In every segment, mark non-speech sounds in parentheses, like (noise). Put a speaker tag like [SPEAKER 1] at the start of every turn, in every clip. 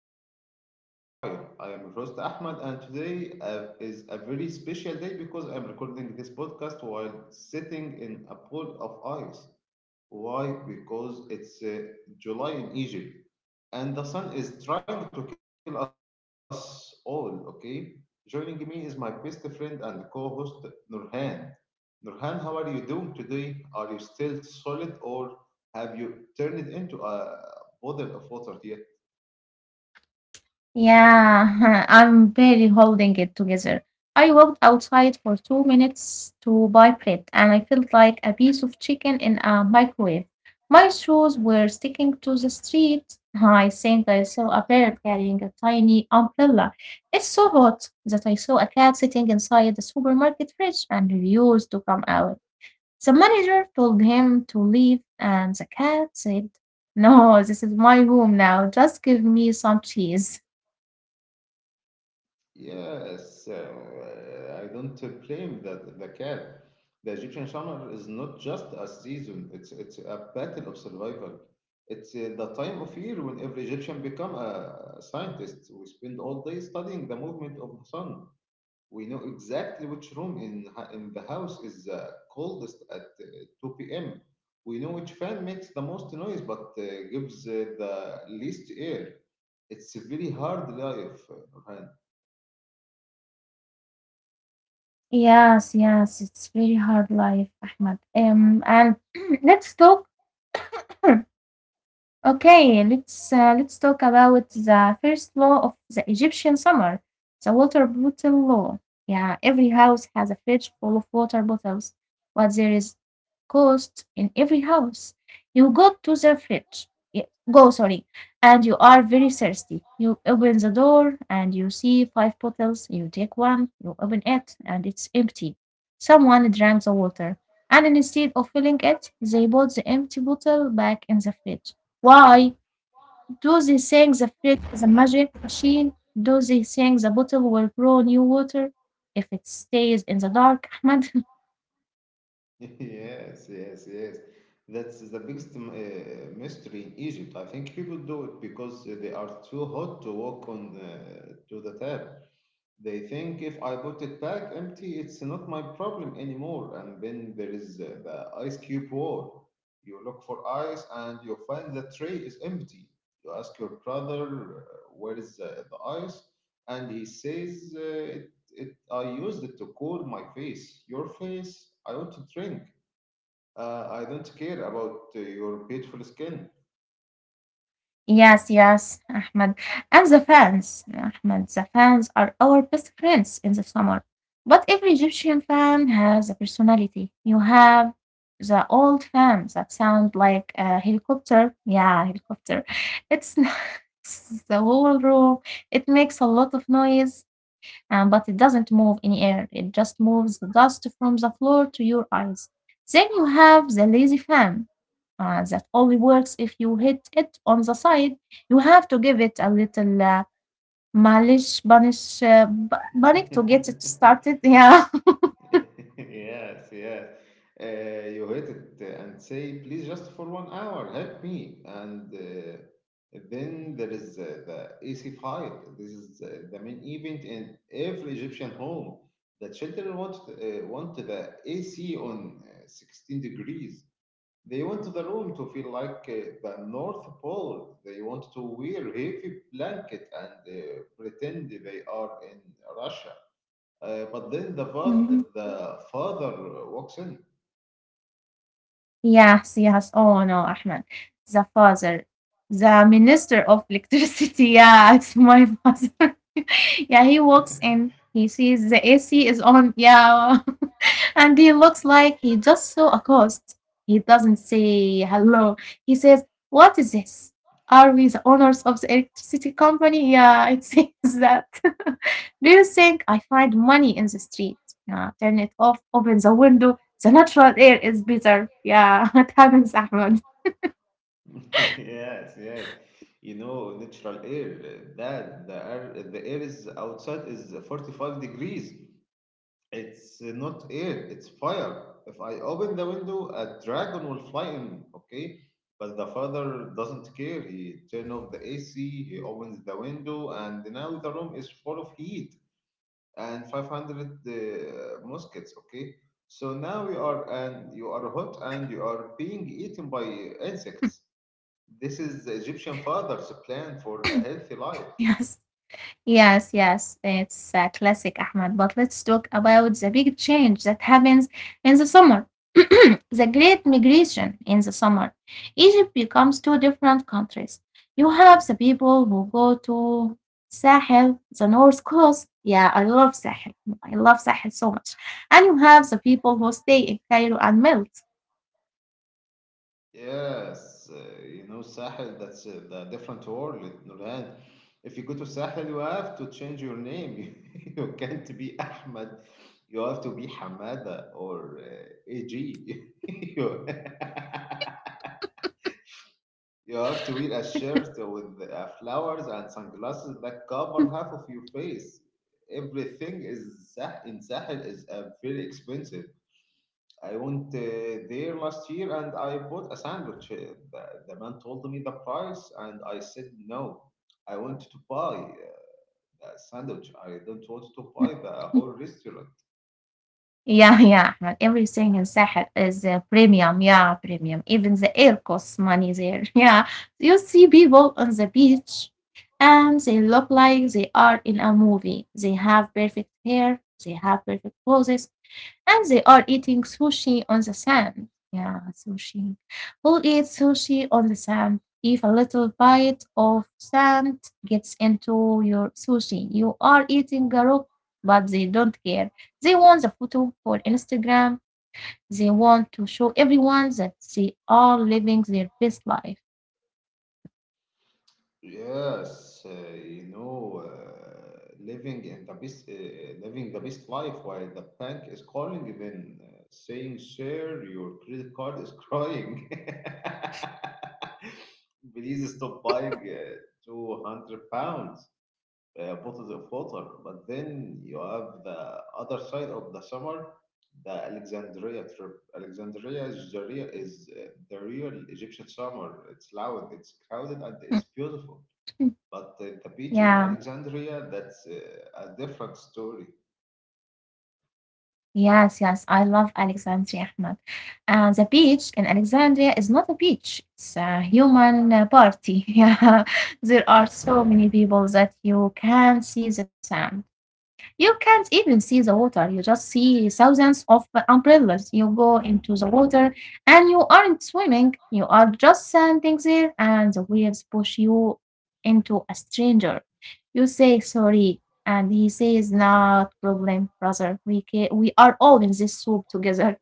[SPEAKER 1] the Perilous Fire. I am your host Ahmed, and today is a very special day because I'm recording this podcast while sitting in a pool of ice. Why? Because it's July in Egypt and the sun is trying to kill us all, okay? Joining me is my best friend and co host, Nurhan. Nurhan, how are you doing today? Are you still solid or have you turned into a bottle of water?
[SPEAKER 2] Yeah, (laughs) I'm barely holding it together. I walked outside for 2 minutes to buy bread, and I felt like a piece of chicken in a microwave. My shoes were sticking to the street. I think I saw a bird carrying a tiny umbrella. It's so hot that I saw a cat sitting inside the supermarket fridge and refused to come out. The manager told him to leave, and the cat said, "No, this is my room now. Just give me some cheese."
[SPEAKER 1] Yes, I don't blame the cat. The Egyptian summer is not just a season, it's a battle of survival. It's The time of year when every Egyptian become a scientist. We spend all day studying the movement of the sun. We know exactly which room in the house is the coldest at 2 p.m. We know which fan makes the most noise, but gives the least air. It's a very hard life.
[SPEAKER 2] Yes, yes, it's very hard life, Ahmed. And (clears throat) let's talk (clears throat) okay, let's talk about the first law of the Egyptian summer, the water bottle law. Yeah, every house has a fridge full of water bottles, but there is cost in every house. You go to the fridge, yeah, go, sorry, and you are very thirsty. You open the door and you see five bottles. You take one, you open it, and it's empty. Someone drank the water, and instead of filling it, they put the empty bottle back in the fridge. Why do they think the fridge is a magic machine? Do they think the bottle will grow new water if it stays in the dark, Ahmed?
[SPEAKER 1] (laughs) Yes, yes, yes. That's the biggest mystery in Egypt. I think people do it because they are too hot to walk to the tap. They think if I put it back empty, it's not my problem anymore. And then there is the ice cube war. You look for ice and you find the tray is empty. You ask your brother, where is the ice? And he says, I used it to cool my face. Your face? I want to drink. I don't care about your beautiful skin.
[SPEAKER 2] (laughs) Yes, yes, Ahmed. And the fans, Ahmed, the fans are our best friends in the summer. But every Egyptian fan has a personality. You have the old fans that sound like a helicopter. Yeah, helicopter. It's, (laughs) it's the whole room. It makes a lot of noise. And but it doesn't move any air. It just moves the dust from the floor to your eyes. Then you have the lazy fan that only works if you hit it on the side. You have to give it a little malish, banish, bunny to get it
[SPEAKER 1] (laughs)
[SPEAKER 2] started. (laughs) Yeah.
[SPEAKER 1] yes, yes. You hit it and say, please, just for 1 hour, help me. And then there is the AC fight. This is the main event in every Egyptian home. The children want the AC on 16 degrees. They want the room to feel like the North Pole. They want to wear heavy blanket and pretend they are in Russia. Uh, but then the father,
[SPEAKER 2] Mhm.
[SPEAKER 1] the father walks in.
[SPEAKER 2] Yes, yes. Oh no, Ahmed, the father, the minister of electricity. (laughs) Yeah, it's my father. (laughs) Yeah, he walks in. He sees the AC is on. Yeah. And he looks like he just saw a ghost. He doesn't say hello. He says, "What is this? Are we the owners of the electricity company?" Yeah, it (laughs) says that. (laughs) "Do you think I find money in the street? Yeah, turn it off, open the window. The natural air is better." Yeah, (laughs) it happens, Ahmed.
[SPEAKER 1] (laughs) yes, yes. You know, natural air. Uh, that the air is outside is 45 degrees. It's not air, it's fire. If I open the window, a dragon will fly in, okay? But the father doesn't care. He turns off the AC, he opens the window, and now the room is full of heat and 500 muskets, okay? So now you are hot and you are being eaten by insects. This is the Egyptian father's plan for a healthy life.
[SPEAKER 2] Yes. Yes, yes, it's a classic, Ahmed. But let's talk about the big change that happens in the summer. (clears throat) The great migration in the summer. Egypt becomes two different countries. You have the people who go to Sahel, the north coast. Yeah, I love Sahel. I love Sahel so much. And you have the people who stay in Cairo and melt.
[SPEAKER 1] Yes, uh, you know, Sahel, that's the different world, Nurhan. If you go to Sahel, you have to change your name. (laughs) you can't be Ahmed. You have to be Hamada or AG. (laughs) you, (laughs) you have to wear a shirt with flowers and sunglasses that cover half of your face. Everything is in Sahel is very expensive. I went there last year and I bought a sandwich. The man told me the price and I said no. I want to buy that sandwich, I don't want to buy the
[SPEAKER 2] (laughs)
[SPEAKER 1] whole restaurant.
[SPEAKER 2] Yeah, (laughs) yeah, Ahmed. Everything in Sahel is premium. Yeah, premium. Even the air costs money there. (laughs) Yeah. You see people on the beach and they look like they are in a movie. They have perfect hair, they have perfect poses, and they are eating sushi on the sand. Yeah, sushi. Who eats sushi on the sand? If a little bite of sand gets into your sushi, you are eating a rock, but they don't care. They want the photo for Instagram. They want to show everyone that they are living their best life.
[SPEAKER 1] Yes, you know, living in the best, living the best life while the bank is calling, then saying, "Sir, your credit card is crying. (laughs) Please stop buying 200 pounds." Uh, put the water, but then you have the other side of the summer, the Alexandria trip. Alexandria is the real Egyptian summer. It's loud, it's crowded, and it's beautiful.
[SPEAKER 2] (laughs)
[SPEAKER 1] But the beach
[SPEAKER 2] Yeah.
[SPEAKER 1] in Alexandria, that's a different story.
[SPEAKER 2] Yes, yes, I love Alexandria, Ahmed. And the beach in Alexandria is not a beach, it's a human party. (laughs) Yeah, there are so many people that you can see the sand. You can't even see the water. You just see thousands of umbrellas. You go into the water and you aren't swimming. You are just standing there and the waves push you into a stranger. You say sorry and he says, "Not problem, brother. We are all in this soup together."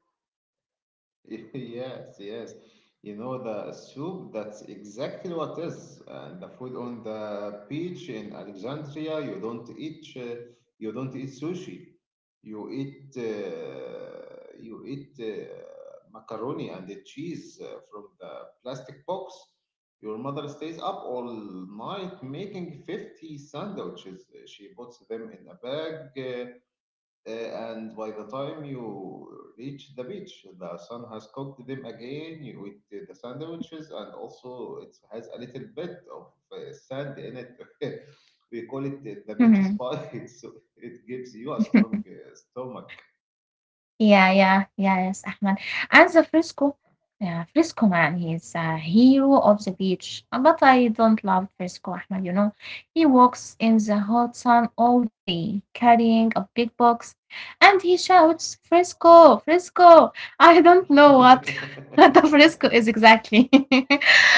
[SPEAKER 1] (laughs) Yes, yes. You know the soup, that's exactly what is. And the food on the beach in Alexandria, you don't eat sushi. You eat macaroni and the cheese from the plastic box. Your mother stays up all night making 50 sandwiches. She puts them in a bag, and by the time you reach the beach, the sun has cooked them again with the sandwiches, and also it has a little bit of sand in it. (laughs) we call it the beach
[SPEAKER 2] (laughs)
[SPEAKER 1] spice, (laughs) so it gives you a strong stomach.
[SPEAKER 2] Yeah, yeah, yes, Ahmed. And the fresco, yeah, fresco man, he's a hero of the beach. But I don't love fresco, Ahmed, you know. He walks in the hot sun all day, carrying a big box, and he shouts, "Fresco, fresco." I don't know what, (laughs) what the fresco is
[SPEAKER 1] (laughs)
[SPEAKER 2] exactly, (laughs)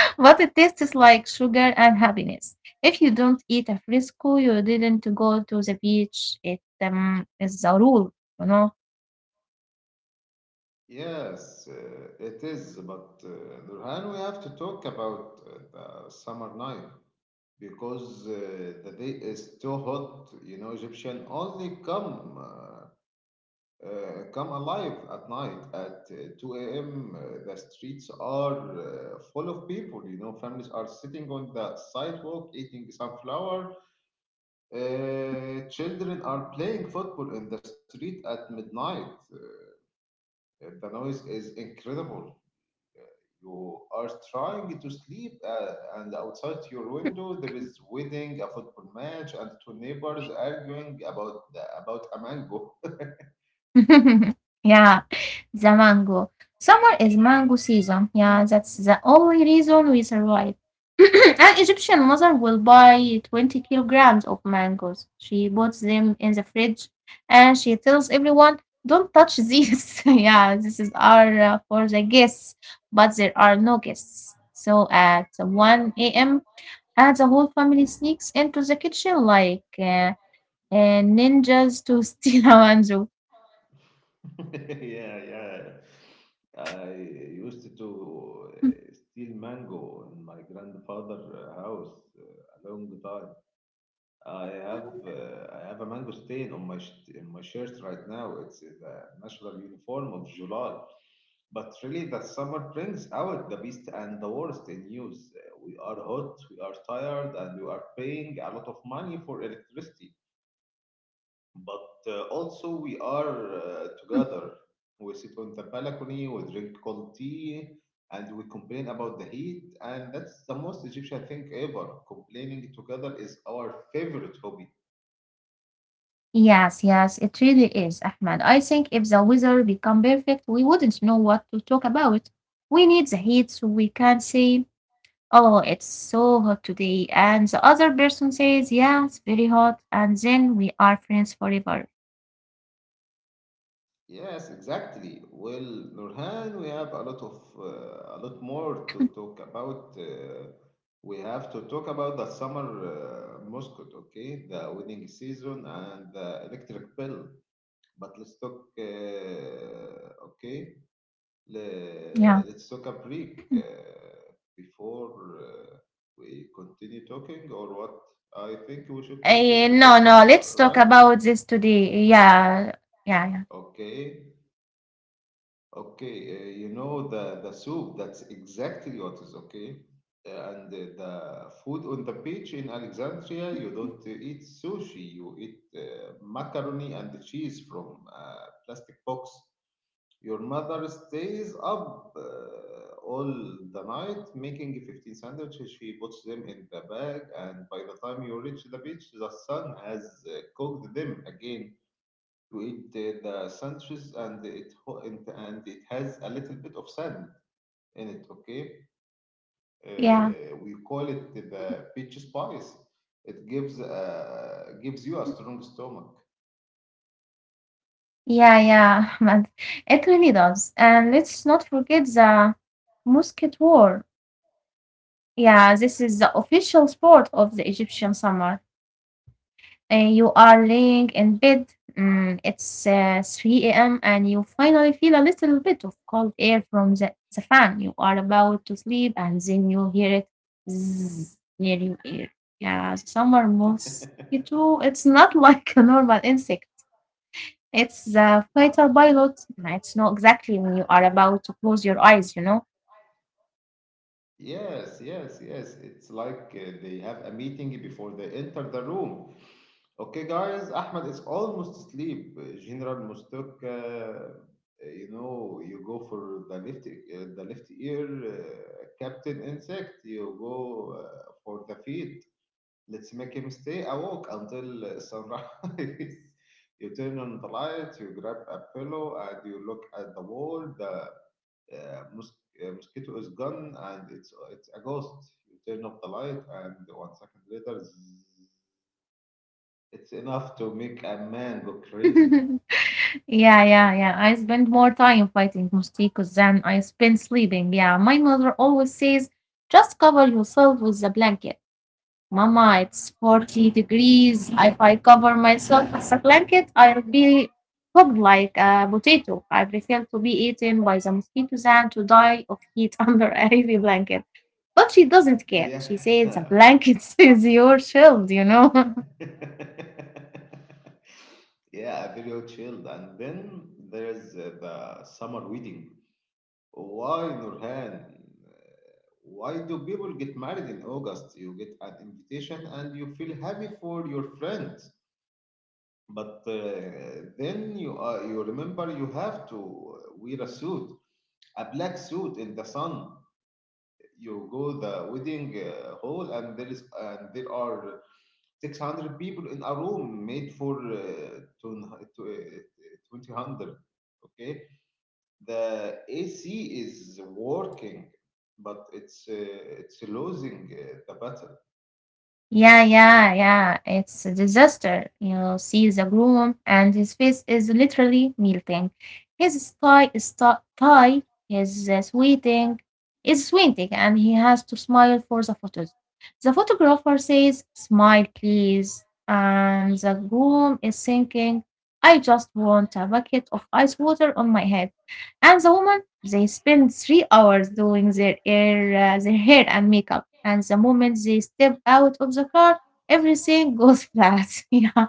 [SPEAKER 2] but it tastes like sugar and happiness. If you don't eat a fresco, you didn't go to the beach. It is a rule, you know.
[SPEAKER 1] Yes, it is. But Nurhan, we have to talk about the summer night, because the day is too hot. You know, Egyptian only come alive at night at 2 a.m. The streets are full of people. You know, families are sitting on the sidewalk eating sunflower. Children are playing football in the street at midnight. The noise is incredible. You are trying to sleep, and outside your window there is wedding, a football match, and two neighbors arguing about a mango.
[SPEAKER 2] (laughs) Yeah, the mango. Summer is mango season. Yeah, that's the only reason we survive. (clears throat) An Egyptian mother will buy 20 kilograms of mangoes. She puts them in the fridge and she tells everyone, "Don't touch these." (laughs) Yeah, this is our for the guests, but there are no guests. So at 1 a.m., and the whole family sneaks into the kitchen like ninjas to steal (laughs) a mango.
[SPEAKER 1] (laughs) yeah, yeah. I used to steal mango in my grandfather's house a long time. I have a mango stain on my in my shirt right now. It's the national uniform of July. But really, the summer brings out the best and the worst in use. We are hot, we are tired, and we are paying a lot of money for electricity. But also, we are together. We sit on the balcony, we drink cold tea, and we complain about the heat. And that's the most Egyptian thing ever. Complaining together is our favorite hobby.
[SPEAKER 2] Yes, yes, it really is, Ahmed. I think if the weather become perfect, we wouldn't know what to talk about. We need the heat so we can say, "Oh, it's so hot today." And the other person says, "Yeah, it's very hot." And then we are friends forever.
[SPEAKER 1] Yes, exactly. Well, Nurhan, we have a lot of a lot more to talk about. We have to talk about the summer mascot, okay? The wedding season and the electric bill. But let's talk, okay?
[SPEAKER 2] Yeah.
[SPEAKER 1] Let's talk a break before we continue talking, or what? I think we should
[SPEAKER 2] Eh,
[SPEAKER 1] continue
[SPEAKER 2] no,
[SPEAKER 1] talking,
[SPEAKER 2] no,
[SPEAKER 1] is that
[SPEAKER 2] let's talk
[SPEAKER 1] right?
[SPEAKER 2] about this today. Yeah, yeah, yeah,
[SPEAKER 1] Okay. Okay, you know the soup. That's exactly what is, okay. And the food on the beach in Alexandria, you don't eat sushi. You eat macaroni and cheese from a plastic box. Your mother stays up all the night making 15 sandwiches. She puts them in the bag, and by the time you reach the beach, the sun has cooked them again to eat the sandwiches and it has a little bit of sand in it, okay. Uh,
[SPEAKER 2] yeah,
[SPEAKER 1] we call it the peach spice. It gives gives you a strong stomach.
[SPEAKER 2] yeah, yeah, (laughs) Ahmed. It really does. And let's not forget the musket war. Yeah, this is the official sport of the Egyptian summer. You are laying in bed. Mm, it's 3 a.m. and you finally feel a little bit of cold air from the fan. You are about to sleep and then you hear it zzz near your ear. Yeah, the summer
[SPEAKER 1] (laughs)
[SPEAKER 2] mosquito. It's not (laughs) like a normal insect. It's the fighter pilot. It's not exactly when you are about to close your eyes, you know.
[SPEAKER 1] yes, yes, yes. It's like they have a meeting before they enter the room. Okay, guys, Ahmed is almost asleep. General Mustok, you know, you go for the left ear, Captain Insect. You go for the feet. Let's make him stay awake until sunrise. (laughs) you turn on the light. You grab a pillow and you look at the wall. The uh, mos- mosquito is gone and it's a ghost. You turn off the light and 1 second later. It's enough to make a man go
[SPEAKER 2] (laughs)
[SPEAKER 1] crazy.
[SPEAKER 2] Yeah, yeah, yeah. I spend more time fighting mosquitoes than I spend sleeping. Yeah, my mother always says, "Just cover yourself with a blanket." Mama, it's 40 degrees. If I cover myself with a blanket, I'll be cooked like a potato. I prefer to be eaten by the mosquitoes than to die of heat (laughs) under a heavy blanket. But she doesn't care.
[SPEAKER 1] Yeah.
[SPEAKER 2] She says, the blanket (laughs) is your shield, you know.
[SPEAKER 1] (laughs) yeah, very chilled. And then there's the summer wedding. Why, Nurhan? Why do people get married in August? You get an invitation and you feel happy for your friends. But then you remember you have to wear a suit, a black suit in the sun. You go the wedding hall and there is and there are 600 people in a room made for 200, okay. The AC is working, but it's losing the battle.
[SPEAKER 2] Yeah, yeah, yeah. It's a disaster. You see the groom, and his face is literally melting. His tie is uh, sweating, is sweating, and he has to smile for the photos. The photographer says, "Smile, please," and the groom is thinking, "I just want a bucket of ice water on my head." And the woman, they spend 3 hours doing their hair, and makeup. And the moment they step out of the car, everything goes flat. (laughs) Yeah,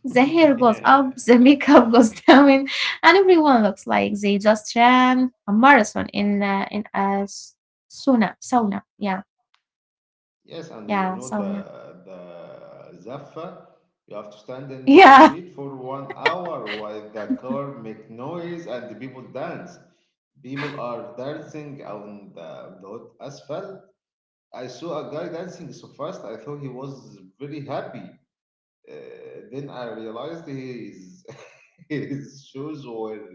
[SPEAKER 2] the hair
[SPEAKER 1] (laughs)
[SPEAKER 2] goes
[SPEAKER 1] yeah.
[SPEAKER 2] up, (laughs) the makeup goes down, and everyone looks like they just ran a marathon in a sauna. Sauna, yeah,
[SPEAKER 1] Yes, and you
[SPEAKER 2] yeah,
[SPEAKER 1] know
[SPEAKER 2] sauna,
[SPEAKER 1] the zaffa. You have to stand in the
[SPEAKER 2] yeah.
[SPEAKER 1] street for 1 hour while the car make noise and the people dance. People are dancing on the hot asphalt. I saw a guy dancing so fast, I thought he was very happy. Uh, then I realized his, (laughs) his shoes were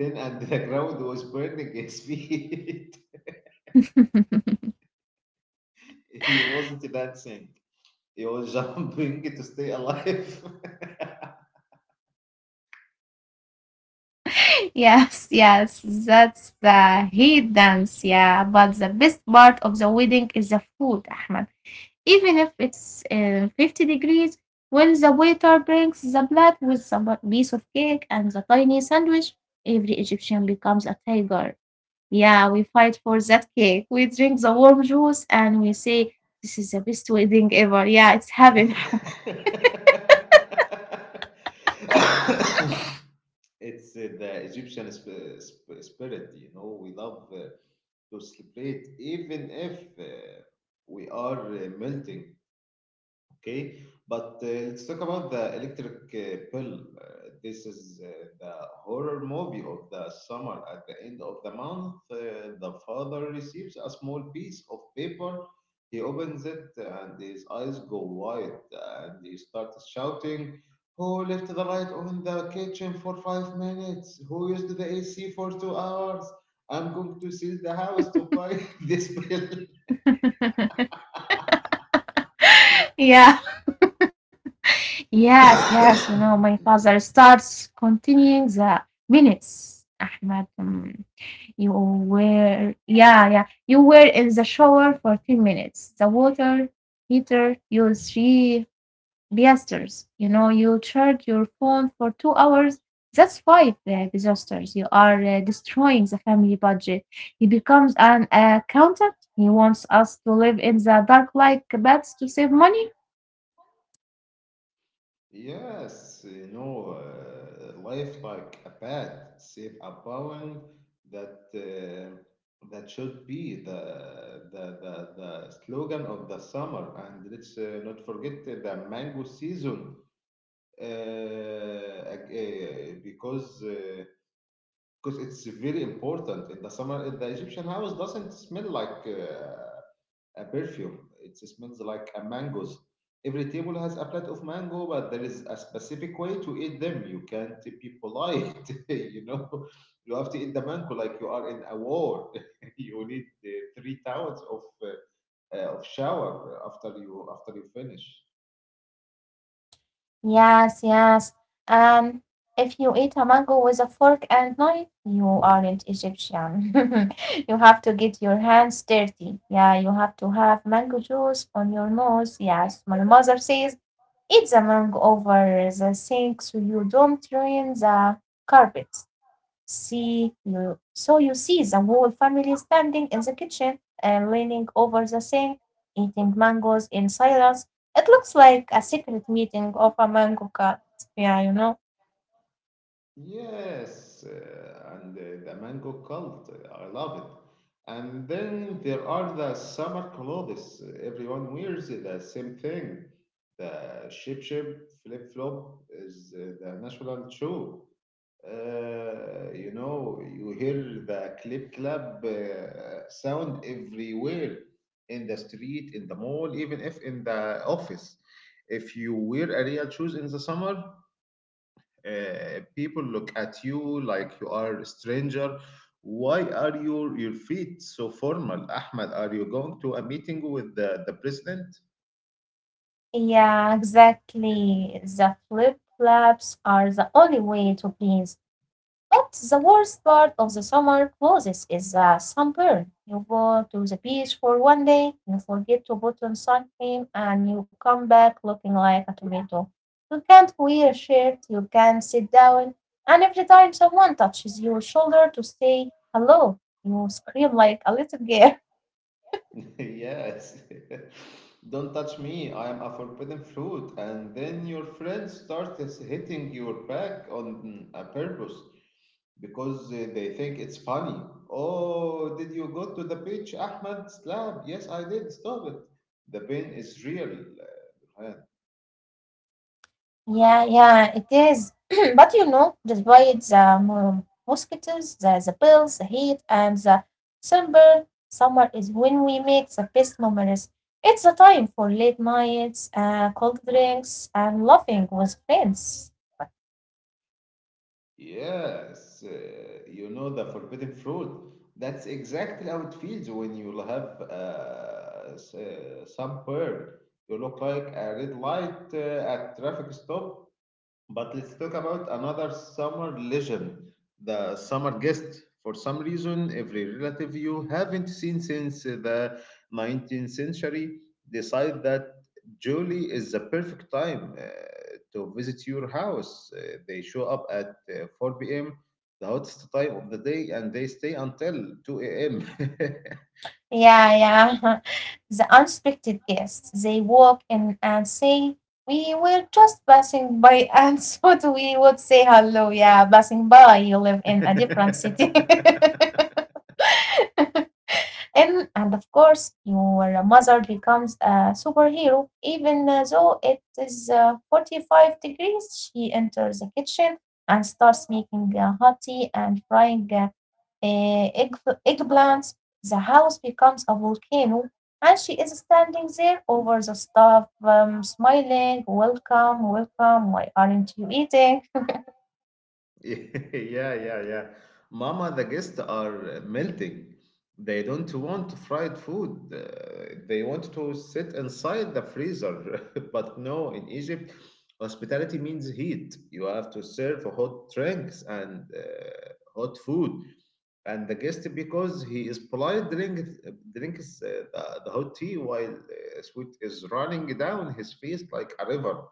[SPEAKER 1] thin and the ground was burning his feet.
[SPEAKER 2] (laughs)
[SPEAKER 1] (laughs) he wasn't dancing, he was (laughs) jumping to stay alive.
[SPEAKER 2] Yes, yes, that's the heat dance, yeah. But the best part of the wedding is the food, Ahmed. Even if it's 50 degrees, when the waiter brings the plate with the piece of cake and the tiny sandwich, every Egyptian becomes a tiger. Yeah, we fight for that cake. We drink the warm juice and we say, "This is the best wedding ever." Yeah, it's heaven.
[SPEAKER 1] (laughs) It's the Egyptian spirit, you know. We love to celebrate even if we are melting. Okay, but let's talk about the electric pill. This is the horror movie of the summer. At the end of the month, the father receives a small piece of paper. He opens it and his eyes go wide and he starts shouting, who left the light on the kitchen for 5 minutes? Who used the AC for 2 hours? I'm going to sell the house to buy (laughs) this bill.
[SPEAKER 2] (laughs) Yeah, yes, yes. You know, my
[SPEAKER 1] (coughs)
[SPEAKER 2] father starts continuing the minutes, Ahmed. You were, yeah, yeah. You were in the shower for 10 minutes. The water heater used three piasters. You know, you charge your phone for 2 hours. That's five disasters. You are destroying the family budget. He becomes an accountant. He wants us to live in the dark like bats to save money.
[SPEAKER 1] Yes, you know, life like a pet, save a bone, that that should be the slogan of the summer. And let's not forget the mango season, uh, ag- uh, because uh, because it's very important in the summer. The Egyptian house doesn't smell like. A perfume. It smells like a mangoes. Every table has a plate of mango, but there is a specific way to eat them. You can't be polite, (laughs) you know. You have to eat the mango like you are in a war. (laughs) you need three towels of shower after you finish.
[SPEAKER 2] Yes, yes. Um, if you eat a mango with a fork and knife, you aren't Egyptian. (laughs) You have to get your hands dirty. Yeah, you have to have mango juice on your nose. Yes, my mother says eat the mango over the sink so you don't ruin the carpet. See you. So you see the whole family standing in the kitchen and leaning over the sink, eating mangoes in silence. It looks like a secret meeting of a mango cat. Yeah, you know.
[SPEAKER 1] Yes, and The mango cult, I love it. And then there are the summer clothes. Everyone wears the same thing. The shape flip flop is the national shoe. You know, you hear the clip clap sound everywhere in the street, in the mall, even if in the office. If you wear a real shoes in the summer, people look at you like you are a stranger. Why are your feet so formal, Ahmed? Are you going to a meeting with the president? (laughs)
[SPEAKER 2] Yeah, (laughs) exactly. The flip flaps are the only way to please. But the worst part of the summer clothes is sunburn. You go to the beach for 1 day, you forget to put on sun cream, and you come back looking like a tomato. You can't wear a shirt, you can't sit down, and every time someone touches your shoulder to say hello, you scream like a little girl.
[SPEAKER 1] Yes. (laughs) Don't touch
[SPEAKER 2] (laughs)
[SPEAKER 1] me. I am a forbidden fruit. And then your friends start hitting your back on a purpose because they think it's funny. Oh, did you go to the beach, Ahmed? Slap. Yes, I did. Stop it. The pain is real.
[SPEAKER 2] Yeah, yeah, it is. (clears throat) But you know, despite the mosquitoes, the bills, the heat, and the sunburn, summer is when we make the best memories. It's a time for late nights, cold drinks, and laughing with friends.
[SPEAKER 1] Yes, you know the forbidden fruit. That's exactly how it feels when you have some bird. You look like a red light at traffic stop. But let's talk about another summer legend, the summer guest. For some reason, every relative you haven't seen since the 19th century decide that July is the perfect time to visit your house. They show up at 4 p.m., the hottest time of the day, and they stay until 2
[SPEAKER 2] Yeah, yeah. (laughs) The unexpected guests, they walk in and say, "We were just passing by, (laughs) and so we would say hello." Yeah, passing by, you live in
[SPEAKER 1] a.m.
[SPEAKER 2] a different city.
[SPEAKER 1] (laughs)
[SPEAKER 2] (laughs) And of course, your mother becomes a superhero, even though it is 45 degrees. She enters the kitchen and starts making hot tea and frying eh, egg, eggplants. The house becomes a volcano, and she is standing there over the stove, smiling, "Welcome, welcome, why aren't you eating?"
[SPEAKER 1] (laughs) Yeah, yeah, yeah. Mama, the guests are melting. They don't want fried food. They want to sit inside the freezer. (laughs) But no, in Egypt, hospitality means heat. You have to serve hot drinks and hot food. And the guest, because he is polite, drinks the hot tea while sweat is running down his face like a river.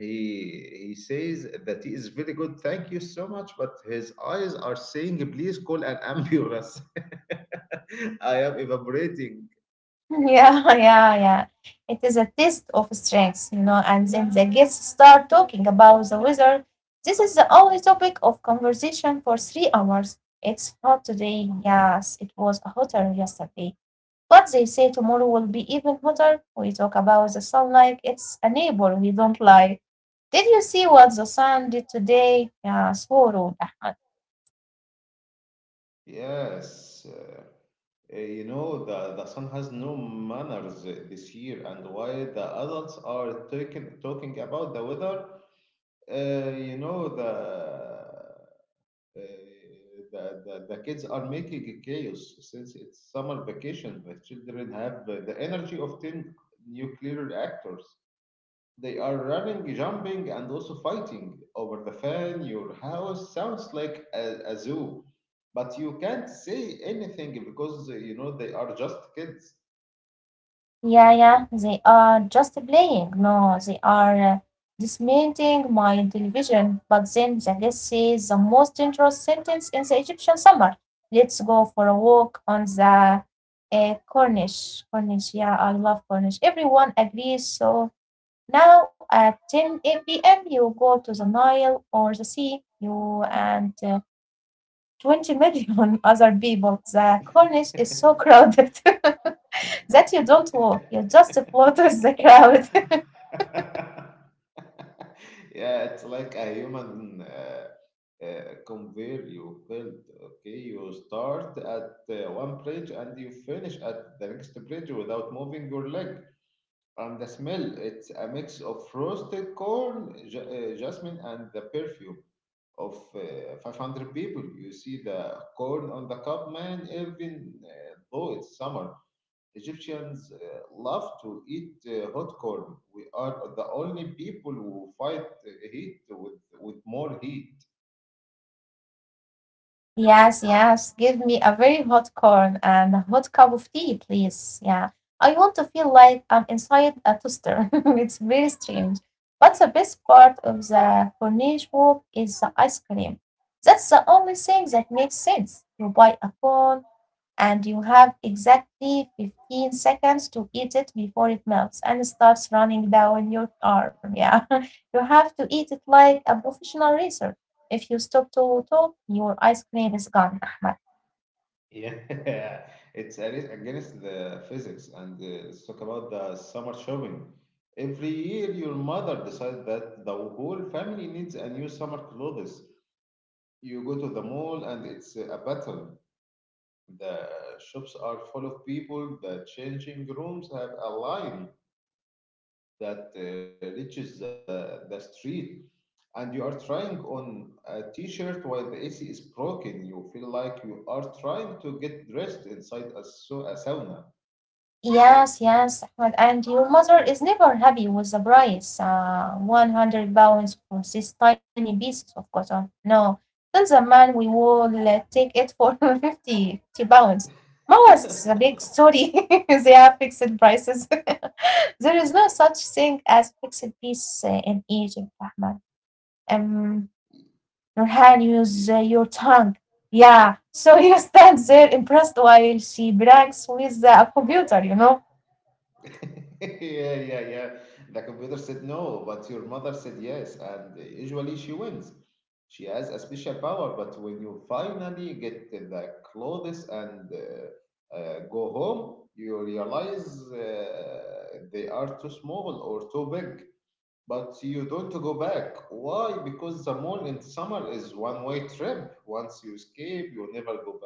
[SPEAKER 1] He says that he is very good. Thank you so much, but his eyes are saying, "Please call an ambulance. (laughs) I am evaporating."
[SPEAKER 2] Yeah, (laughs) yeah, yeah. It is a test of strength, you know, and then the guests start talking about the weather. This is the only topic of conversation for 3 hours. It's hot today. Yes, it was hotter yesterday. But they say tomorrow will be even hotter. We talk about the sun like it's a neighbor we don't like. Did you see what the sun did today? Yes, horrible, (laughs) Ahmed.
[SPEAKER 1] Yes, you know the son has no manners this year, and why the adults are talking about the weather? Uh, you know the uh, the, the kids are making a chaos since it's summer vacation. The children have the energy of 10 nuclear reactors. They are running, jumping, and also fighting over the fan. Your house sounds like a zoo, but you can't say anything because you know they are just kids.
[SPEAKER 2] Yeah, yeah, they are just playing. No, they are dismantling my television. But then the guest says the most dangerous sentence in the Egyptian summer. Let's go for a walk on the Cornish. Cornish, yeah, I love Cornish. Everyone agrees. So now at 10 p.m., you go to the Nile or the sea, you and 20 million (laughs) other people. The Cornish is
[SPEAKER 1] (laughs)
[SPEAKER 2] so crowded. (laughs) That you don't walk, you just float flutter the crowd.
[SPEAKER 1] yeah, it's like a human convey you build. Okay, you start at one bridge and you finish at the next bridge without moving your leg. And the smell, it's a mix of roasted corn, ja jasmine, and the perfume of 500 people. You see the corn on the cup, man, even though it's summer. Egyptians love to eat hot corn. We are the only people who fight heat with more heat.
[SPEAKER 2] (laughs) Yes, yes. Give me a very hot corn and a hot cup of tea, please. Yeah. I want to feel like I'm inside a toaster. (laughs) It's very strange. But the best part of the Corniche walk is the ice cream. That's the only thing that makes sense. You buy a cone, and you have exactly 15 seconds to eat it before it melts and starts running down your arm. Yeah, (laughs) you have to eat it like a professional racer. If you stop to talk, your ice cream is gone, (laughs) Ahmed.
[SPEAKER 1] Yeah, (laughs) it's against the physics. And let's talk about the summer shopping. Every year, your mother decides that the whole family needs a new summer clothes. You go to the mall, and it's a battle. The shops are full of people. The changing rooms have a line that reaches the street, and you are trying on a t-shirt while the AC is broken. You feel like you are trying to get dressed inside a sauna.
[SPEAKER 2] Yes, yes, Ahmed. And your mother is never happy with the price. 100 pounds for these tiny pieces of cotton. No, tell the man we will take it for (laughs) 50, 50 pounds. Mawas is a
[SPEAKER 1] (laughs)
[SPEAKER 2] big story. (laughs) They have fixed prices. (laughs) There is no such thing as fixed peace in Egypt, Ahmed. Um, Nurhan, use
[SPEAKER 1] yeah,
[SPEAKER 2] your tongue. Yeah, so (laughs) you stand there impressed while she brags with the computer, you know.
[SPEAKER 1] yeah, yeah. The computer said no, but your mother said yes, and usually she wins. She has a special power, but when you finally get the clothes and go home, you realize they are too small or too big. But you don't go back. Why? Because the mall in summer is one-way trip. Once you escape, you never go.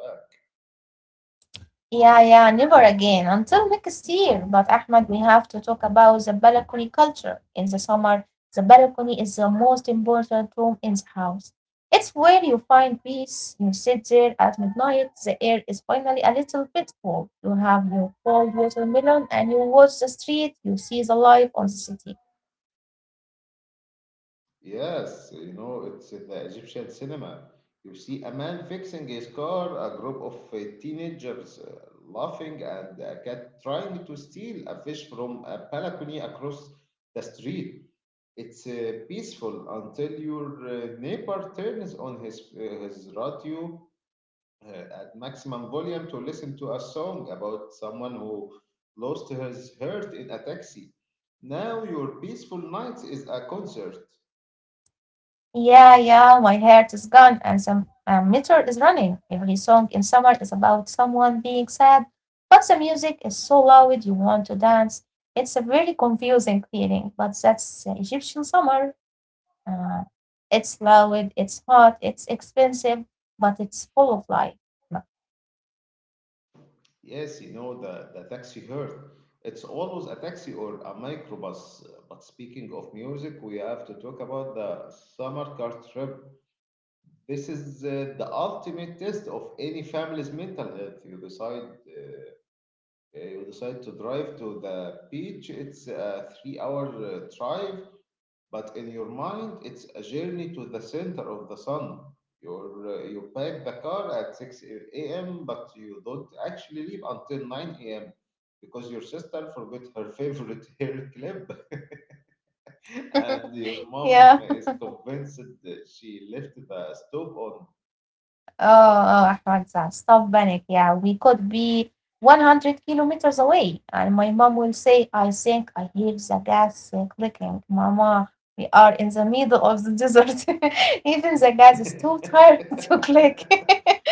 [SPEAKER 2] Yeah, yeah, never again until next year. But Ahmed, we have to talk about the balcony culture. In the summer, the balcony is the most important room in the house. It's where you find peace. You sit there at midnight. The air is finally a little bit cool. You have your cold watermelon and you watch the street. You see the life on the city.
[SPEAKER 1] Yes, you know, it's the Egyptian cinema. You see a man fixing his car, a group of teenagers laughing, and a cat trying to steal a fish from a balcony across the street. It's peaceful until your neighbor turns on his radio at maximum volume to listen to a song about someone who lost his heart in a taxi. Now your peaceful night is a concert.
[SPEAKER 2] Yeah, yeah, my heart is gone and some meter is running. Every song in summer is about someone being sad, but the music is so loud you want to dance. It's a very confusing feeling, but that's the Egyptian summer. Uh, it's loud, it's hot, it's expensive, but it's full of life.
[SPEAKER 1] Yes, you know, the taxi hurt. It's always a taxi or a microbus. But speaking of music, we have to talk about the summer car trip. This is the ultimate test of any family's mental health. You decide to drive to the beach. It's a three-hour drive, but in your mind, it's a journey to the center of the sun. You pack the car at 6 a.m., but you don't actually leave until 9 a.m. because your sister forgot her favorite (laughs) hair clip and your
[SPEAKER 2] (laughs)
[SPEAKER 1] mom
[SPEAKER 2] Yeah.
[SPEAKER 1] is convinced that she left the stove on.
[SPEAKER 2] Oh, oh, Ahmad, stop panic. Yeah, we could be 100 kilometers away. And my mom will say, I think I hear the gas clicking. Mama, we are in the middle of the desert. (laughs) Even the gas is
[SPEAKER 1] (laughs)
[SPEAKER 2] too tired (laughs) to click. (laughs)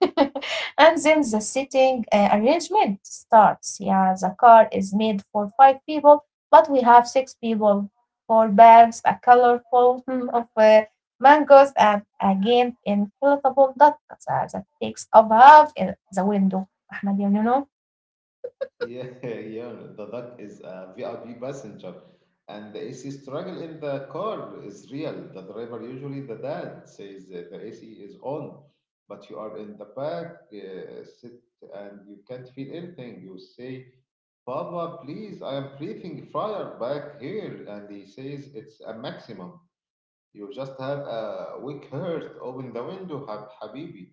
[SPEAKER 2] (laughs) And then the seating arrangement starts. Yeah, the car is made for five people, but we have six people, four bags, a colorful (laughs) of mangoes, and again inflatable duck that takes up half in the window. Ahmed, you know?
[SPEAKER 1] Yeah, (laughs) yeah. The duck is a VIP passenger, and the AC struggle in the car is real. The driver, usually the dad, says that the AC is on, but you are in the back sit and you can't feel anything. You say, "Papa, please, I am breathing fire back here," and he says it's a maximum. You just have a weak heart. Open the window, habibi.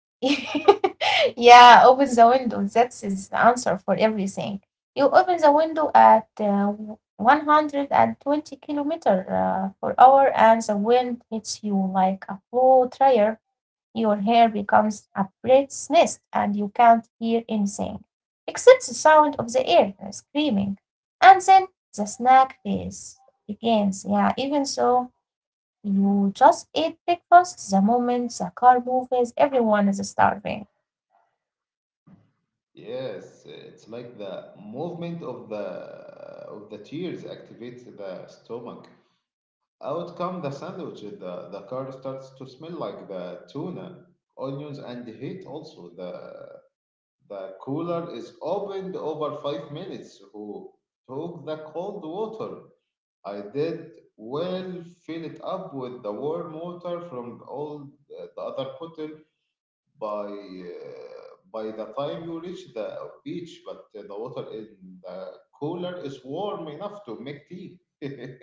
[SPEAKER 2] (laughs) Yeah, open the window. That is the answer for everything. You open the window at 120 kilometer per hour, and the wind hits you like a blow dryer. Your hair becomes a bird's nest, and you can't hear anything except the sound of the air screaming. And then the snack phase begins. Yeah, even so, you just eat breakfast the moment the car moves, everyone is starving.
[SPEAKER 1] Yes, it's like the movement of the tears activates the stomach. Out come the sandwiches. The car starts to smell like the tuna, onions, and heat. Also, the cooler is opened over 5 minutes. Who took the cold water? I did well. Fill it up with the warm water from all the other bottle by the time you reach the beach, but the water in the cooler is warm enough to make tea. (laughs) you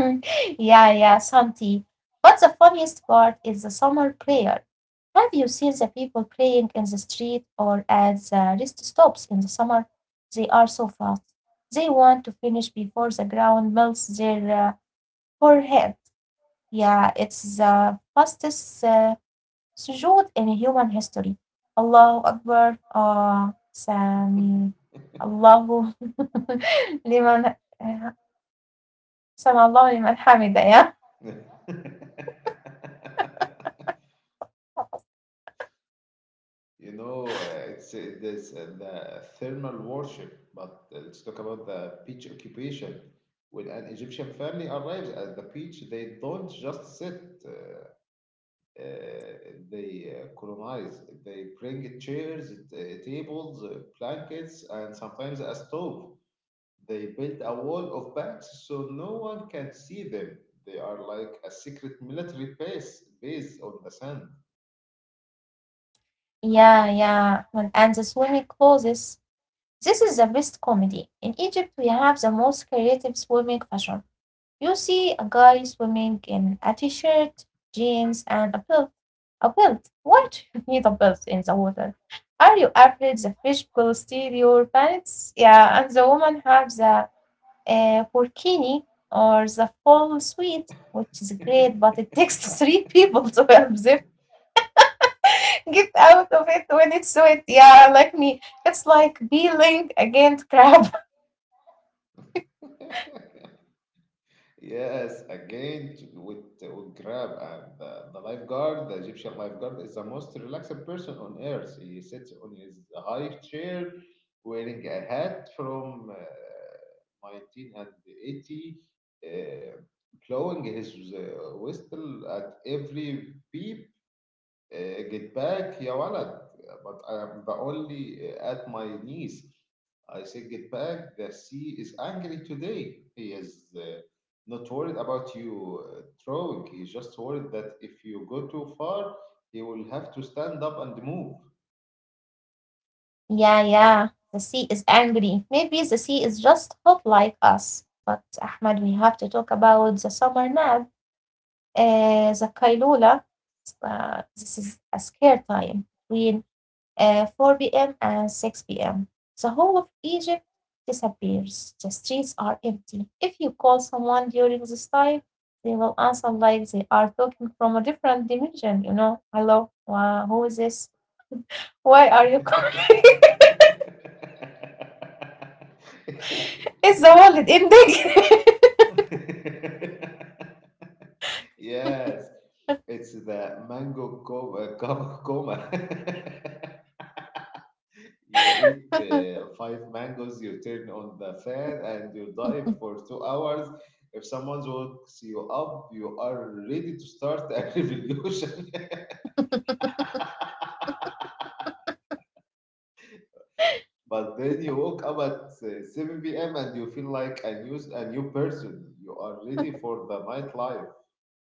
[SPEAKER 2] Mm, (laughs) yeah, yeah, Santi. But the funniest part is the summer prayer. Have you seen the people praying in the street or at the rest stops in the summer? They are so fast. They want to finish before the ground melts their forehead. Yeah, it's the fastest sujood in human history. Allahu Akbar. Sami. Allahu. (laughs) لمن سمع الله liman hamida, yeah.
[SPEAKER 1] know, it's this the thermal worship. But let's talk about the beach occupation. When an Egyptian family arrives at the beach, they don't just sit. Uh, they colonize. They bring chairs, tables, blankets, and sometimes a stove. They built a wall of banks so no one can see them. They are like a secret military base on the sand.
[SPEAKER 2] Yeah, yeah. When and the swimming clothes. This is the best comedy. In Egypt, we have the most creative swimming fashion. You see a guy swimming in a t-shirt, jeans, and a belt. A belt? Why do (laughs) you need a belt in the water? Are you afraid the fish will steal your pants? Yeah, and the woman have the burkini or the full suite, which is great, but it
[SPEAKER 1] (laughs)
[SPEAKER 2] takes (laughs) three people to help them. (laughs) Get out of it when it's wet. Yeah, like me. It's like peeling against crab. (laughs)
[SPEAKER 1] Yes, with Grab and the lifeguard, the Egyptian lifeguard is the most relaxed person on earth. He sits on his high chair, wearing a hat from 1980, uh, blowing his whistle at every beep. Get back يا ولد, but I am the only at my knees. I said get back, the sea is angry today, he is not worried about you throwing, he's just worried that if you go too far he will have to stand up and move.
[SPEAKER 2] Yeah, yeah. The sea is angry. Maybe the sea is just hot like us. But Ahmad, we have to talk about the summer nap, the kailula. This is a scare time between 4 p.m. and 6 p.m. The whole of Egypt disappears. The streets are empty. If you call someone during this time, they will answer like they are talking from a different dimension, you know. Hello, wow, who is this? Why are you calling? (laughs) It's the wallet ending.
[SPEAKER 1] (laughs) yes, it's the mango coma, coma. (laughs) You eat five mangoes, you turn on the fan, and you dive for 2 hours. If someone wakes you up, you are ready to start a (laughs) revolution. But then you woke up at 7 p.m. and you feel like a new person. You are ready for the nightlife.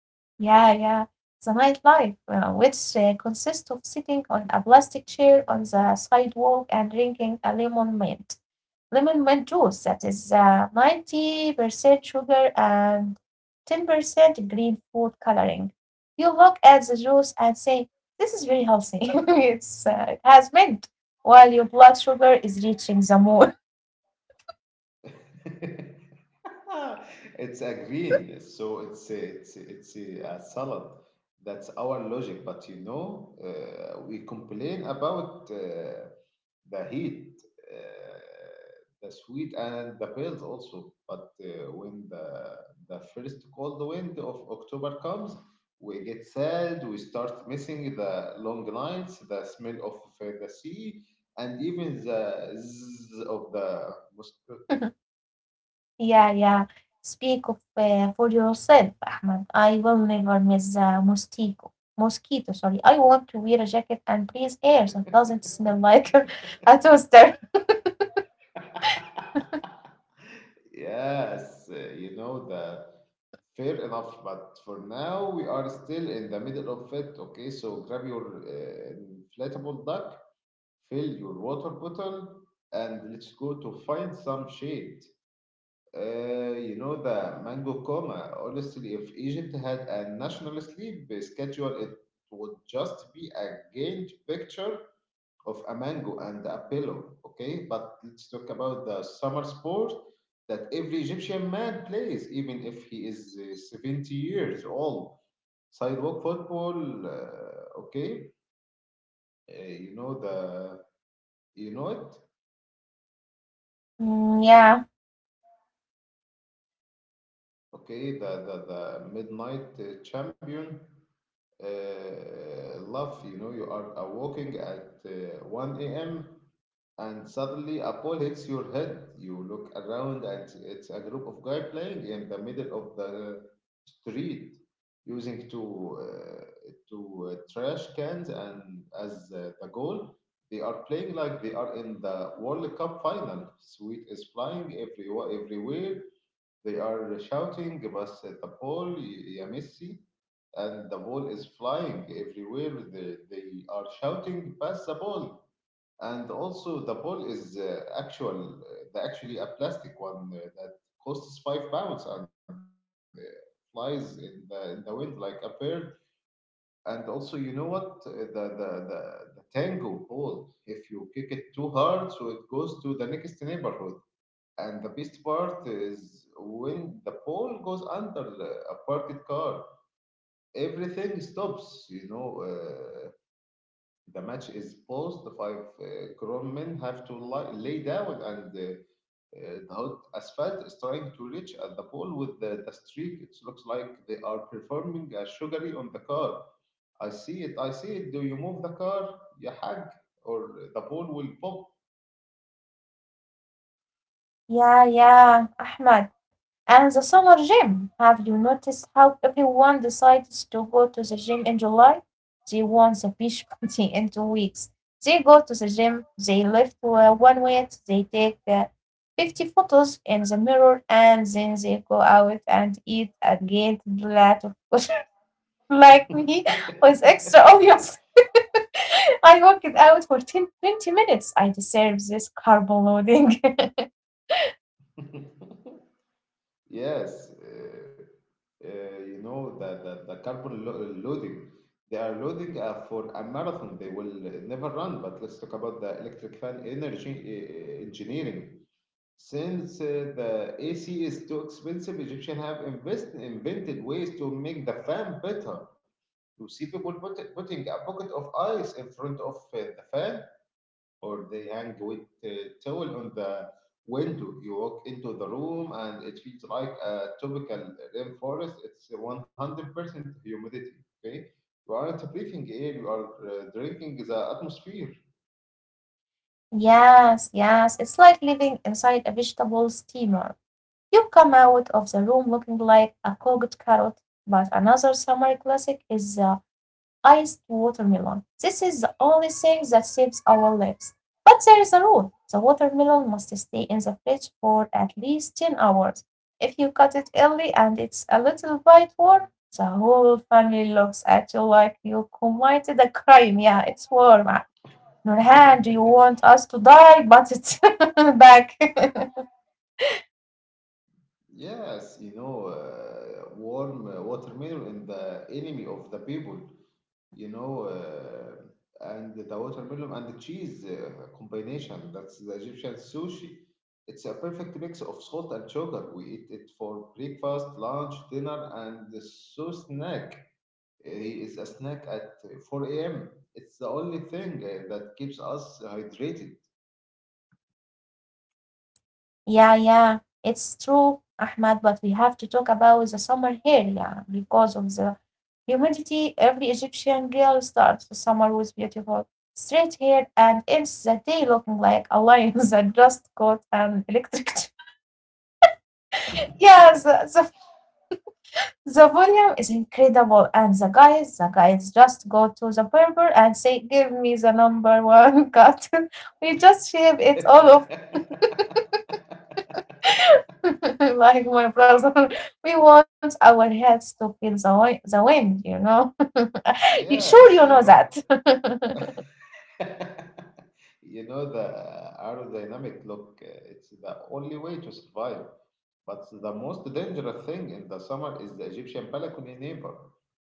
[SPEAKER 2] (laughs) Yeah, yeah. The nightlife, which consists of sitting on a plastic chair on the sidewalk and drinking a lemon mint. Lemon mint juice that is 90% sugar and 10% green food coloring. You look at the juice and say, this is very healthy. (laughs) It's, it has mint, while your blood sugar is reaching the moon.
[SPEAKER 1] (laughs) It's a green, so it's a salad. That's our logic. But you know, we complain about the heat, uh, the sweet, and the pills also. But when the first cold wind of October comes, we get sad. We start missing the long nights, the smell of the sea, and even the zzz of the mosquito.
[SPEAKER 2] (laughs) (laughs) Yeah, yeah. Speak of for yourself, Ahmed. I will never miss the mosquito. Mosquito, sorry. I want to wear a jacket and breathe air that doesn't smell like
[SPEAKER 1] (laughs)
[SPEAKER 2] (laughs) a toaster. (laughs)
[SPEAKER 1] (laughs) Yes, you know the fair enough, but for now we are still in the middle of it. Okay, so grab your inflatable duck, fill your water bottle, and let's go to find some shade. You know the mango coma. Honestly, if Egypt had a national sleep schedule, it would just be a gained picture of a mango and a pillow. Okay, but let's talk about the summer sport that every Egyptian man plays, even if he is 70 years old. Sidewalk football. Okay, you know the you know it.
[SPEAKER 2] Mm, yeah.
[SPEAKER 1] Okay, the midnight champion. Love, you know, you are walking at 1 a.m. And suddenly a ball hits your head. You look around and it's a group of guys playing in the middle of the street using two trash cans and as the goal. They are playing like they are in the World Cup final. Sweet is flying everywhere. They are shouting, "Bas the ball, ya Messi!" and the ball is flying everywhere. They are shouting, pass the ball, and also the ball is actually a plastic one that costs £5 and flies in the wind like a bird. And also, you know what? The the the the tango ball. If you kick it too hard, so it goes to the next neighborhood. And the best part is when the ball goes under a parked car, everything stops. The match is paused. The five grown men have to lay down, and the hot asphalt is trying to reach at the pole with the streak. It looks like they are performing a sugary on the car. I see it. I see it. Do you move the car, you hag, or the pole will pop?
[SPEAKER 2] Yeah, yeah, Ahmed. And the summer gym. Have you noticed how everyone decides to go to the gym in July? They want the beach (laughs) party in 2 weeks. They go to the gym, they lift one weight, they take 50 photos in the mirror, and then they go out and eat a giant plate of kosher (laughs) like me with extra
[SPEAKER 1] (laughs)
[SPEAKER 2] onions. (laughs) I worked out for 10, 20 minutes. I deserve this carbo loading. (laughs)
[SPEAKER 1] Yes, you know the carbon loading. They are loading for a marathon. They will never run. But let's talk about the electric fan energy engineering. Since the AC is too expensive, Egyptians have invented ways to make the fan better. You see people putting a bucket of ice in front of the fan, or they hang with a towel on the window. You walk into the room and it feels like a tropical rainforest. It's 100% humidity. Okay, you aren't breathing air. You are drinking the atmosphere.
[SPEAKER 2] Yes, yes. It's like living inside a vegetable steamer. You come out of the room looking like a cooked carrot. But another summer classic is the iced watermelon. This is the only thing that saves our lives. But there is a rule. The watermelon must stay in the fridge for at least 10 hours. If you cut it early and it's a little bit warm, the whole family looks at you like you committed a crime. Yeah, it's warm. Nurhan, do you
[SPEAKER 1] (laughs)
[SPEAKER 2] want us to die? But it's (laughs) back. (laughs)
[SPEAKER 1] Yes, you know, warm watermelon in the enemy of the people. you know, uh, and the watermelon and the cheese combination. That's the Egyptian sushi. It's a perfect mix of salt and sugar. We eat it for breakfast, lunch, dinner, and the so snack. He is a snack at 4 a.m. It's the only thing that keeps us hydrated.
[SPEAKER 2] Yeah, yeah, it's true, Ahmad, but we have to talk about the summer here, yeah, because of the humidity. Every Egyptian girl starts the summer with beautiful straight hair and ends the day looking like a lion (laughs) that just got an electric. (laughs) Yeah, the The volume is incredible, and the guys just go to the barber and say, "Give me the number one cut." (laughs) We just shave it all off,
[SPEAKER 1] (laughs)
[SPEAKER 2] (laughs) like my brother. (laughs) We want our heads to feel the wind, you know. (laughs) You- sure, you
[SPEAKER 1] Yes, you
[SPEAKER 2] know that.
[SPEAKER 1] know,
[SPEAKER 2] (laughs)
[SPEAKER 1] (laughs) you know the aerodynamic look. It's the only way to survive. But the most dangerous thing in the summer is the Egyptian balcony neighbor.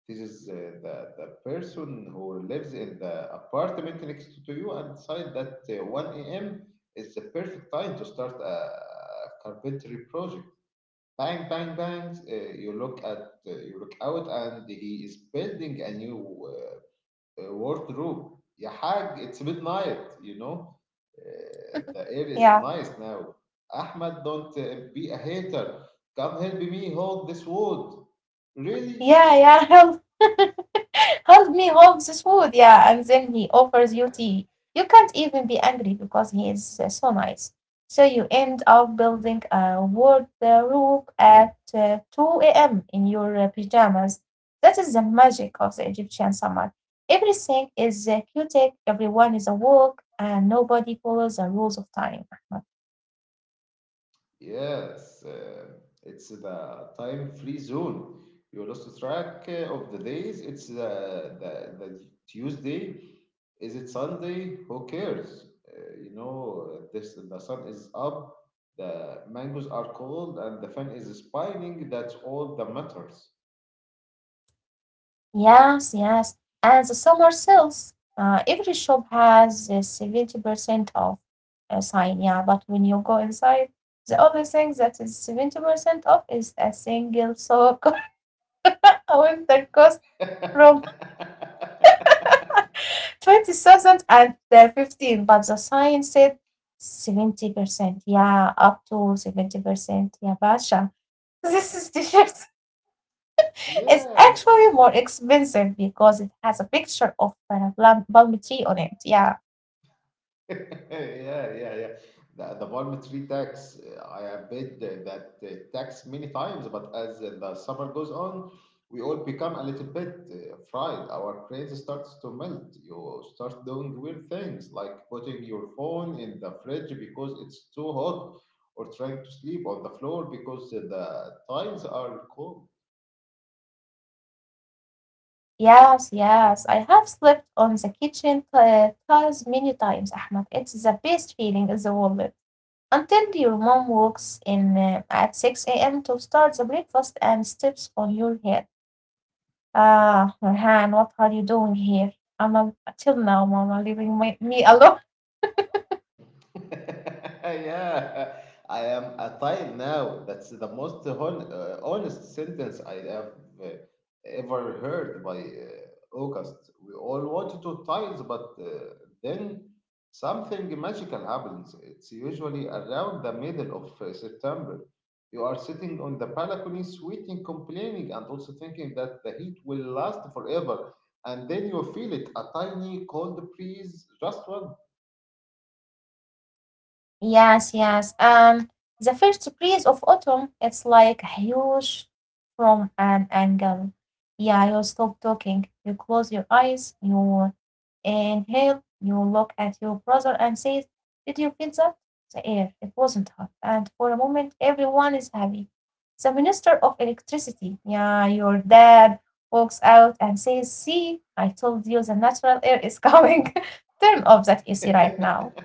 [SPEAKER 1] This is the person who lives in the apartment next to you and decide that 1 a.m. is the perfect time to start a carpentry project. Bang, bang, bangs. You look out and he is building a new wardrobe. Ya hag, it's midnight, you know. The air is
[SPEAKER 2] Yeah.
[SPEAKER 1] nice now. Ahmed, don't be a hater. Come help me hold this wood. Really?
[SPEAKER 2] Yeah, yeah, help. (laughs) Help me hold this food. Yeah, and then he offers you tea. You can't even be angry because he is so nice. So you end up building a wardrobe at 2 a.m. in your pajamas. That is the magic of the Egyptian summer. Everything is chaotic, everyone is awoke, and nobody follows the rules of time.
[SPEAKER 1] Yes, uh, it's the time free zone. You lost track of the days. It's the Tuesday. Is it Sunday? Who cares? You know, this the sun is up, the mangoes are cold, and the fan is spinning. That's all that matters.
[SPEAKER 2] Yes, yes. And the summer sales. Every shop has a 70% off sign, yeah. But when you go inside, the only thing that is 70% off is a single sock (laughs) with the cost from 20,000 and 15. But the sign said 70%, yeah, up to 70%, yeah, Basha. (laughs) This is the shirt.
[SPEAKER 1] (laughs)
[SPEAKER 2] It's actually
[SPEAKER 1] yes.
[SPEAKER 2] more expensive because it has a picture of a plum, palm tree on it. Yeah.
[SPEAKER 1] (laughs) Yeah, yeah, yeah. The palm tax, I have paid that tax many times, but as the summer goes on, we all become a little bit fried. Our brains starts to melt. You start doing weird things like putting your phone in the fridge because it's too hot, or trying to sleep on the floor because the tiles are cold.
[SPEAKER 2] Yes, yes. I have slept on the kitchen tiles many times, Ahmed. It's the best feeling in the world. Until your mom walks in at 6 a.m. to start the breakfast and steps on your head. Ah, Nurhan, what are you doing here? Till now, Mama, leaving me alone.
[SPEAKER 1] (laughs) Yeah, I am a tile now. That's the most honest sentence I have uh, ever heard by August. We all wanted to tiles, but then something magical happens. It's usually around the middle of September. You are sitting on the balcony, sweating, complaining, and also thinking that the heat will last forever. And then you feel it, a tiny cold breeze, just one.
[SPEAKER 2] Yes, yes. The first breeze of autumn, it's like huge from an angle. Yeah, you stop talking. You close your eyes. You inhale. You look at your brother and say, "Did you feel that? The air. It wasn't hot," and for a moment, everyone is happy. The minister of electricity. Yeah, your dad walks out and says, "See, I told you the natural air is coming. (laughs) Turn off that
[SPEAKER 1] (laughs)
[SPEAKER 2] AC right now."
[SPEAKER 1] Yes,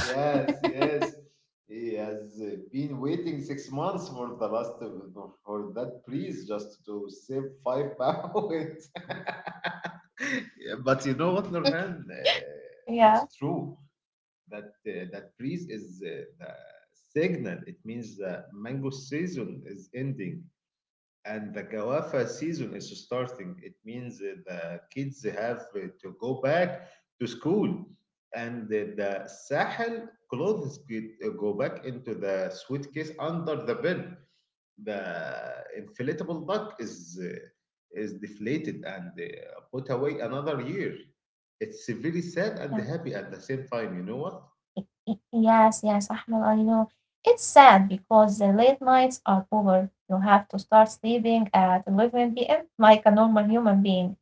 [SPEAKER 1] yes. He has been waiting 6 months for the last for that priest just to save £5. (laughs) Yeah, but you know what,
[SPEAKER 2] (laughs)
[SPEAKER 1] Nurhan? It's
[SPEAKER 2] Yeah.
[SPEAKER 1] true that that priest is the signal. It means the mango season is ending. And the Gawafa season is starting. It means the kids have to go back to school. And the Sahel clothes go back into the suitcase under the bed. The inflatable duck is deflated and put away another year. It's very sad and
[SPEAKER 2] Yeah.
[SPEAKER 1] happy at the same time. You know what?
[SPEAKER 2] Yes, yes, Ahmed, I know. It's sad because the late nights are over. You have to start sleeping at 11 p.m. like a normal human being.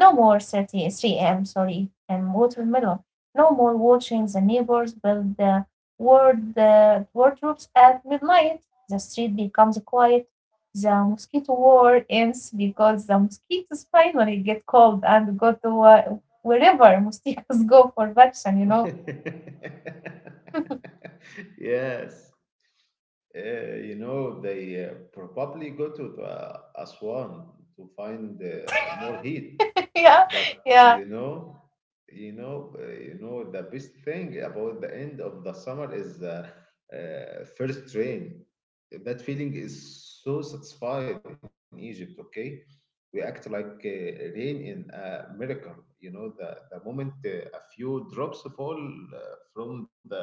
[SPEAKER 2] No more thirty three 3 a.m., sorry, and watermelon. No more watching the neighbors build the wardrobes at midnight. The street becomes quiet. The mosquito war ends because the mosquitoes finally get cold and go to wherever mosquitoes (laughs) go for vaccine, you know.
[SPEAKER 1] (laughs) Yes. You know, they probably go to the Aswan to find more heat.
[SPEAKER 2] Yeah,
[SPEAKER 1] But
[SPEAKER 2] yeah,
[SPEAKER 1] you know, you know, the best thing about the end of the summer is first rain. That feeling is so satisfied in Egypt. Okay, we act like rain in a miracle. You know, the moment a few drops fall uh, from the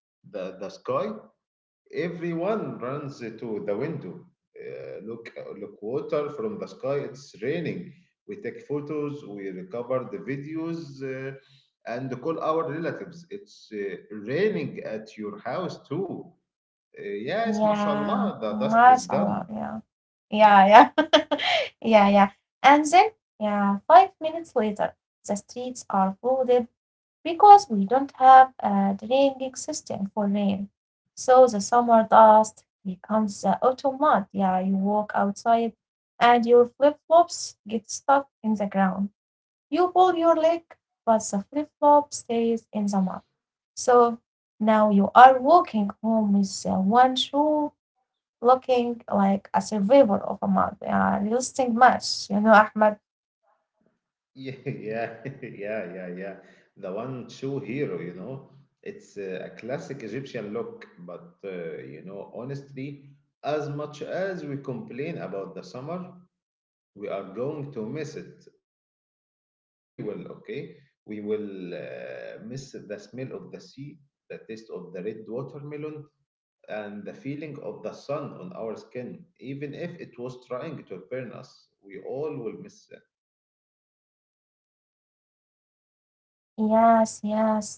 [SPEAKER 1] the, the sky. Everyone runs to the window. Look, look, water from the sky. It's raining. We take photos. We recover the videos, and call our relatives. It's raining at your house too. Yes,
[SPEAKER 2] yeah.
[SPEAKER 1] mashallah, the dust is
[SPEAKER 2] MashaAllah.
[SPEAKER 1] gone.
[SPEAKER 2] Yeah, yeah, yeah, (laughs) yeah, yeah. And then, yeah, 5 minutes later, the streets are flooded because we don't have a draining system for rain. So the summer dust becomes the autumn mud. Yeah, you walk outside and your flip flops get stuck in the ground. You pull your leg, but the flip flop stays in the mud. So now you are walking home with one shoe looking like a survivor of a mud, a resisting match, you know, Ahmed.
[SPEAKER 1] Yeah, (laughs) yeah, (laughs) yeah, yeah, yeah. The one true hero, you know. It's a classic Egyptian look, but you know, honestly, as much as we complain about the summer, we are going to miss it very well. Okay, we will miss the smell of the sea, the taste of the red watermelon, and the feeling of the sun on our skin. Even if it was trying to burn us, we all will miss it.
[SPEAKER 2] Yes, yes.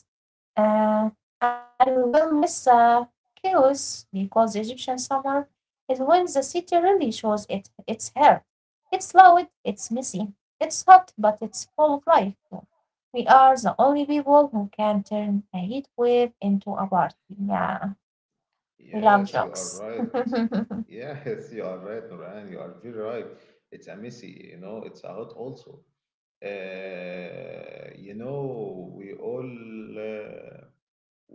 [SPEAKER 2] Uh, and we will miss the chaos because the Egyptian summer is when the city really shows it, its heart. It's loud, it's messy, it's hot, but it's full of life. We are the only people who can turn a heat wave into a party. Yeah, we love
[SPEAKER 1] Yes, you are
[SPEAKER 2] jokes. (laughs)
[SPEAKER 1] right. Yes, you are right, Noran. You are very right. It's a messy, you know, it's a hot also, you know, we all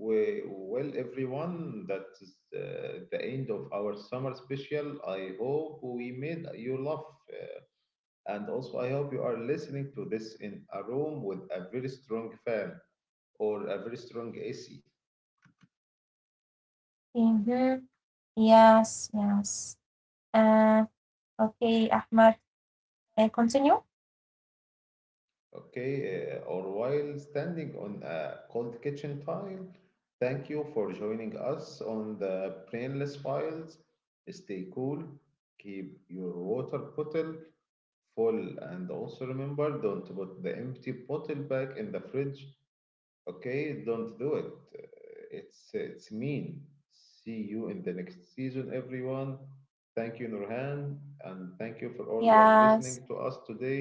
[SPEAKER 1] We- well, everyone, that's the end of our summer special. I hope we made you laugh. And also, I hope you are listening to this in a room with a very strong fan or a very strong AC.
[SPEAKER 2] Hmm. Yes, yes. Uh, okay, Ahmed, continue.
[SPEAKER 1] Okay, or while standing on a cold kitchen tile, thank you for joining us on the Brainless Files. Stay cool, keep your water bottle full, and also remember, don't put the empty bottle back in the fridge. Okay, don't do it. It's mean. See you in the next season, everyone. Thank you, Nurhan, and thank you for everyone listening
[SPEAKER 2] Yes.
[SPEAKER 1] to us today.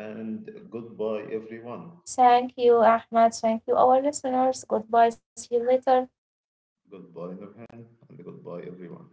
[SPEAKER 1] And goodbye, everyone.
[SPEAKER 2] Thank you, Ahmad. Thank you, our listeners. Goodbye. See you later.
[SPEAKER 1] Goodbye, Nurhan, and goodbye, everyone.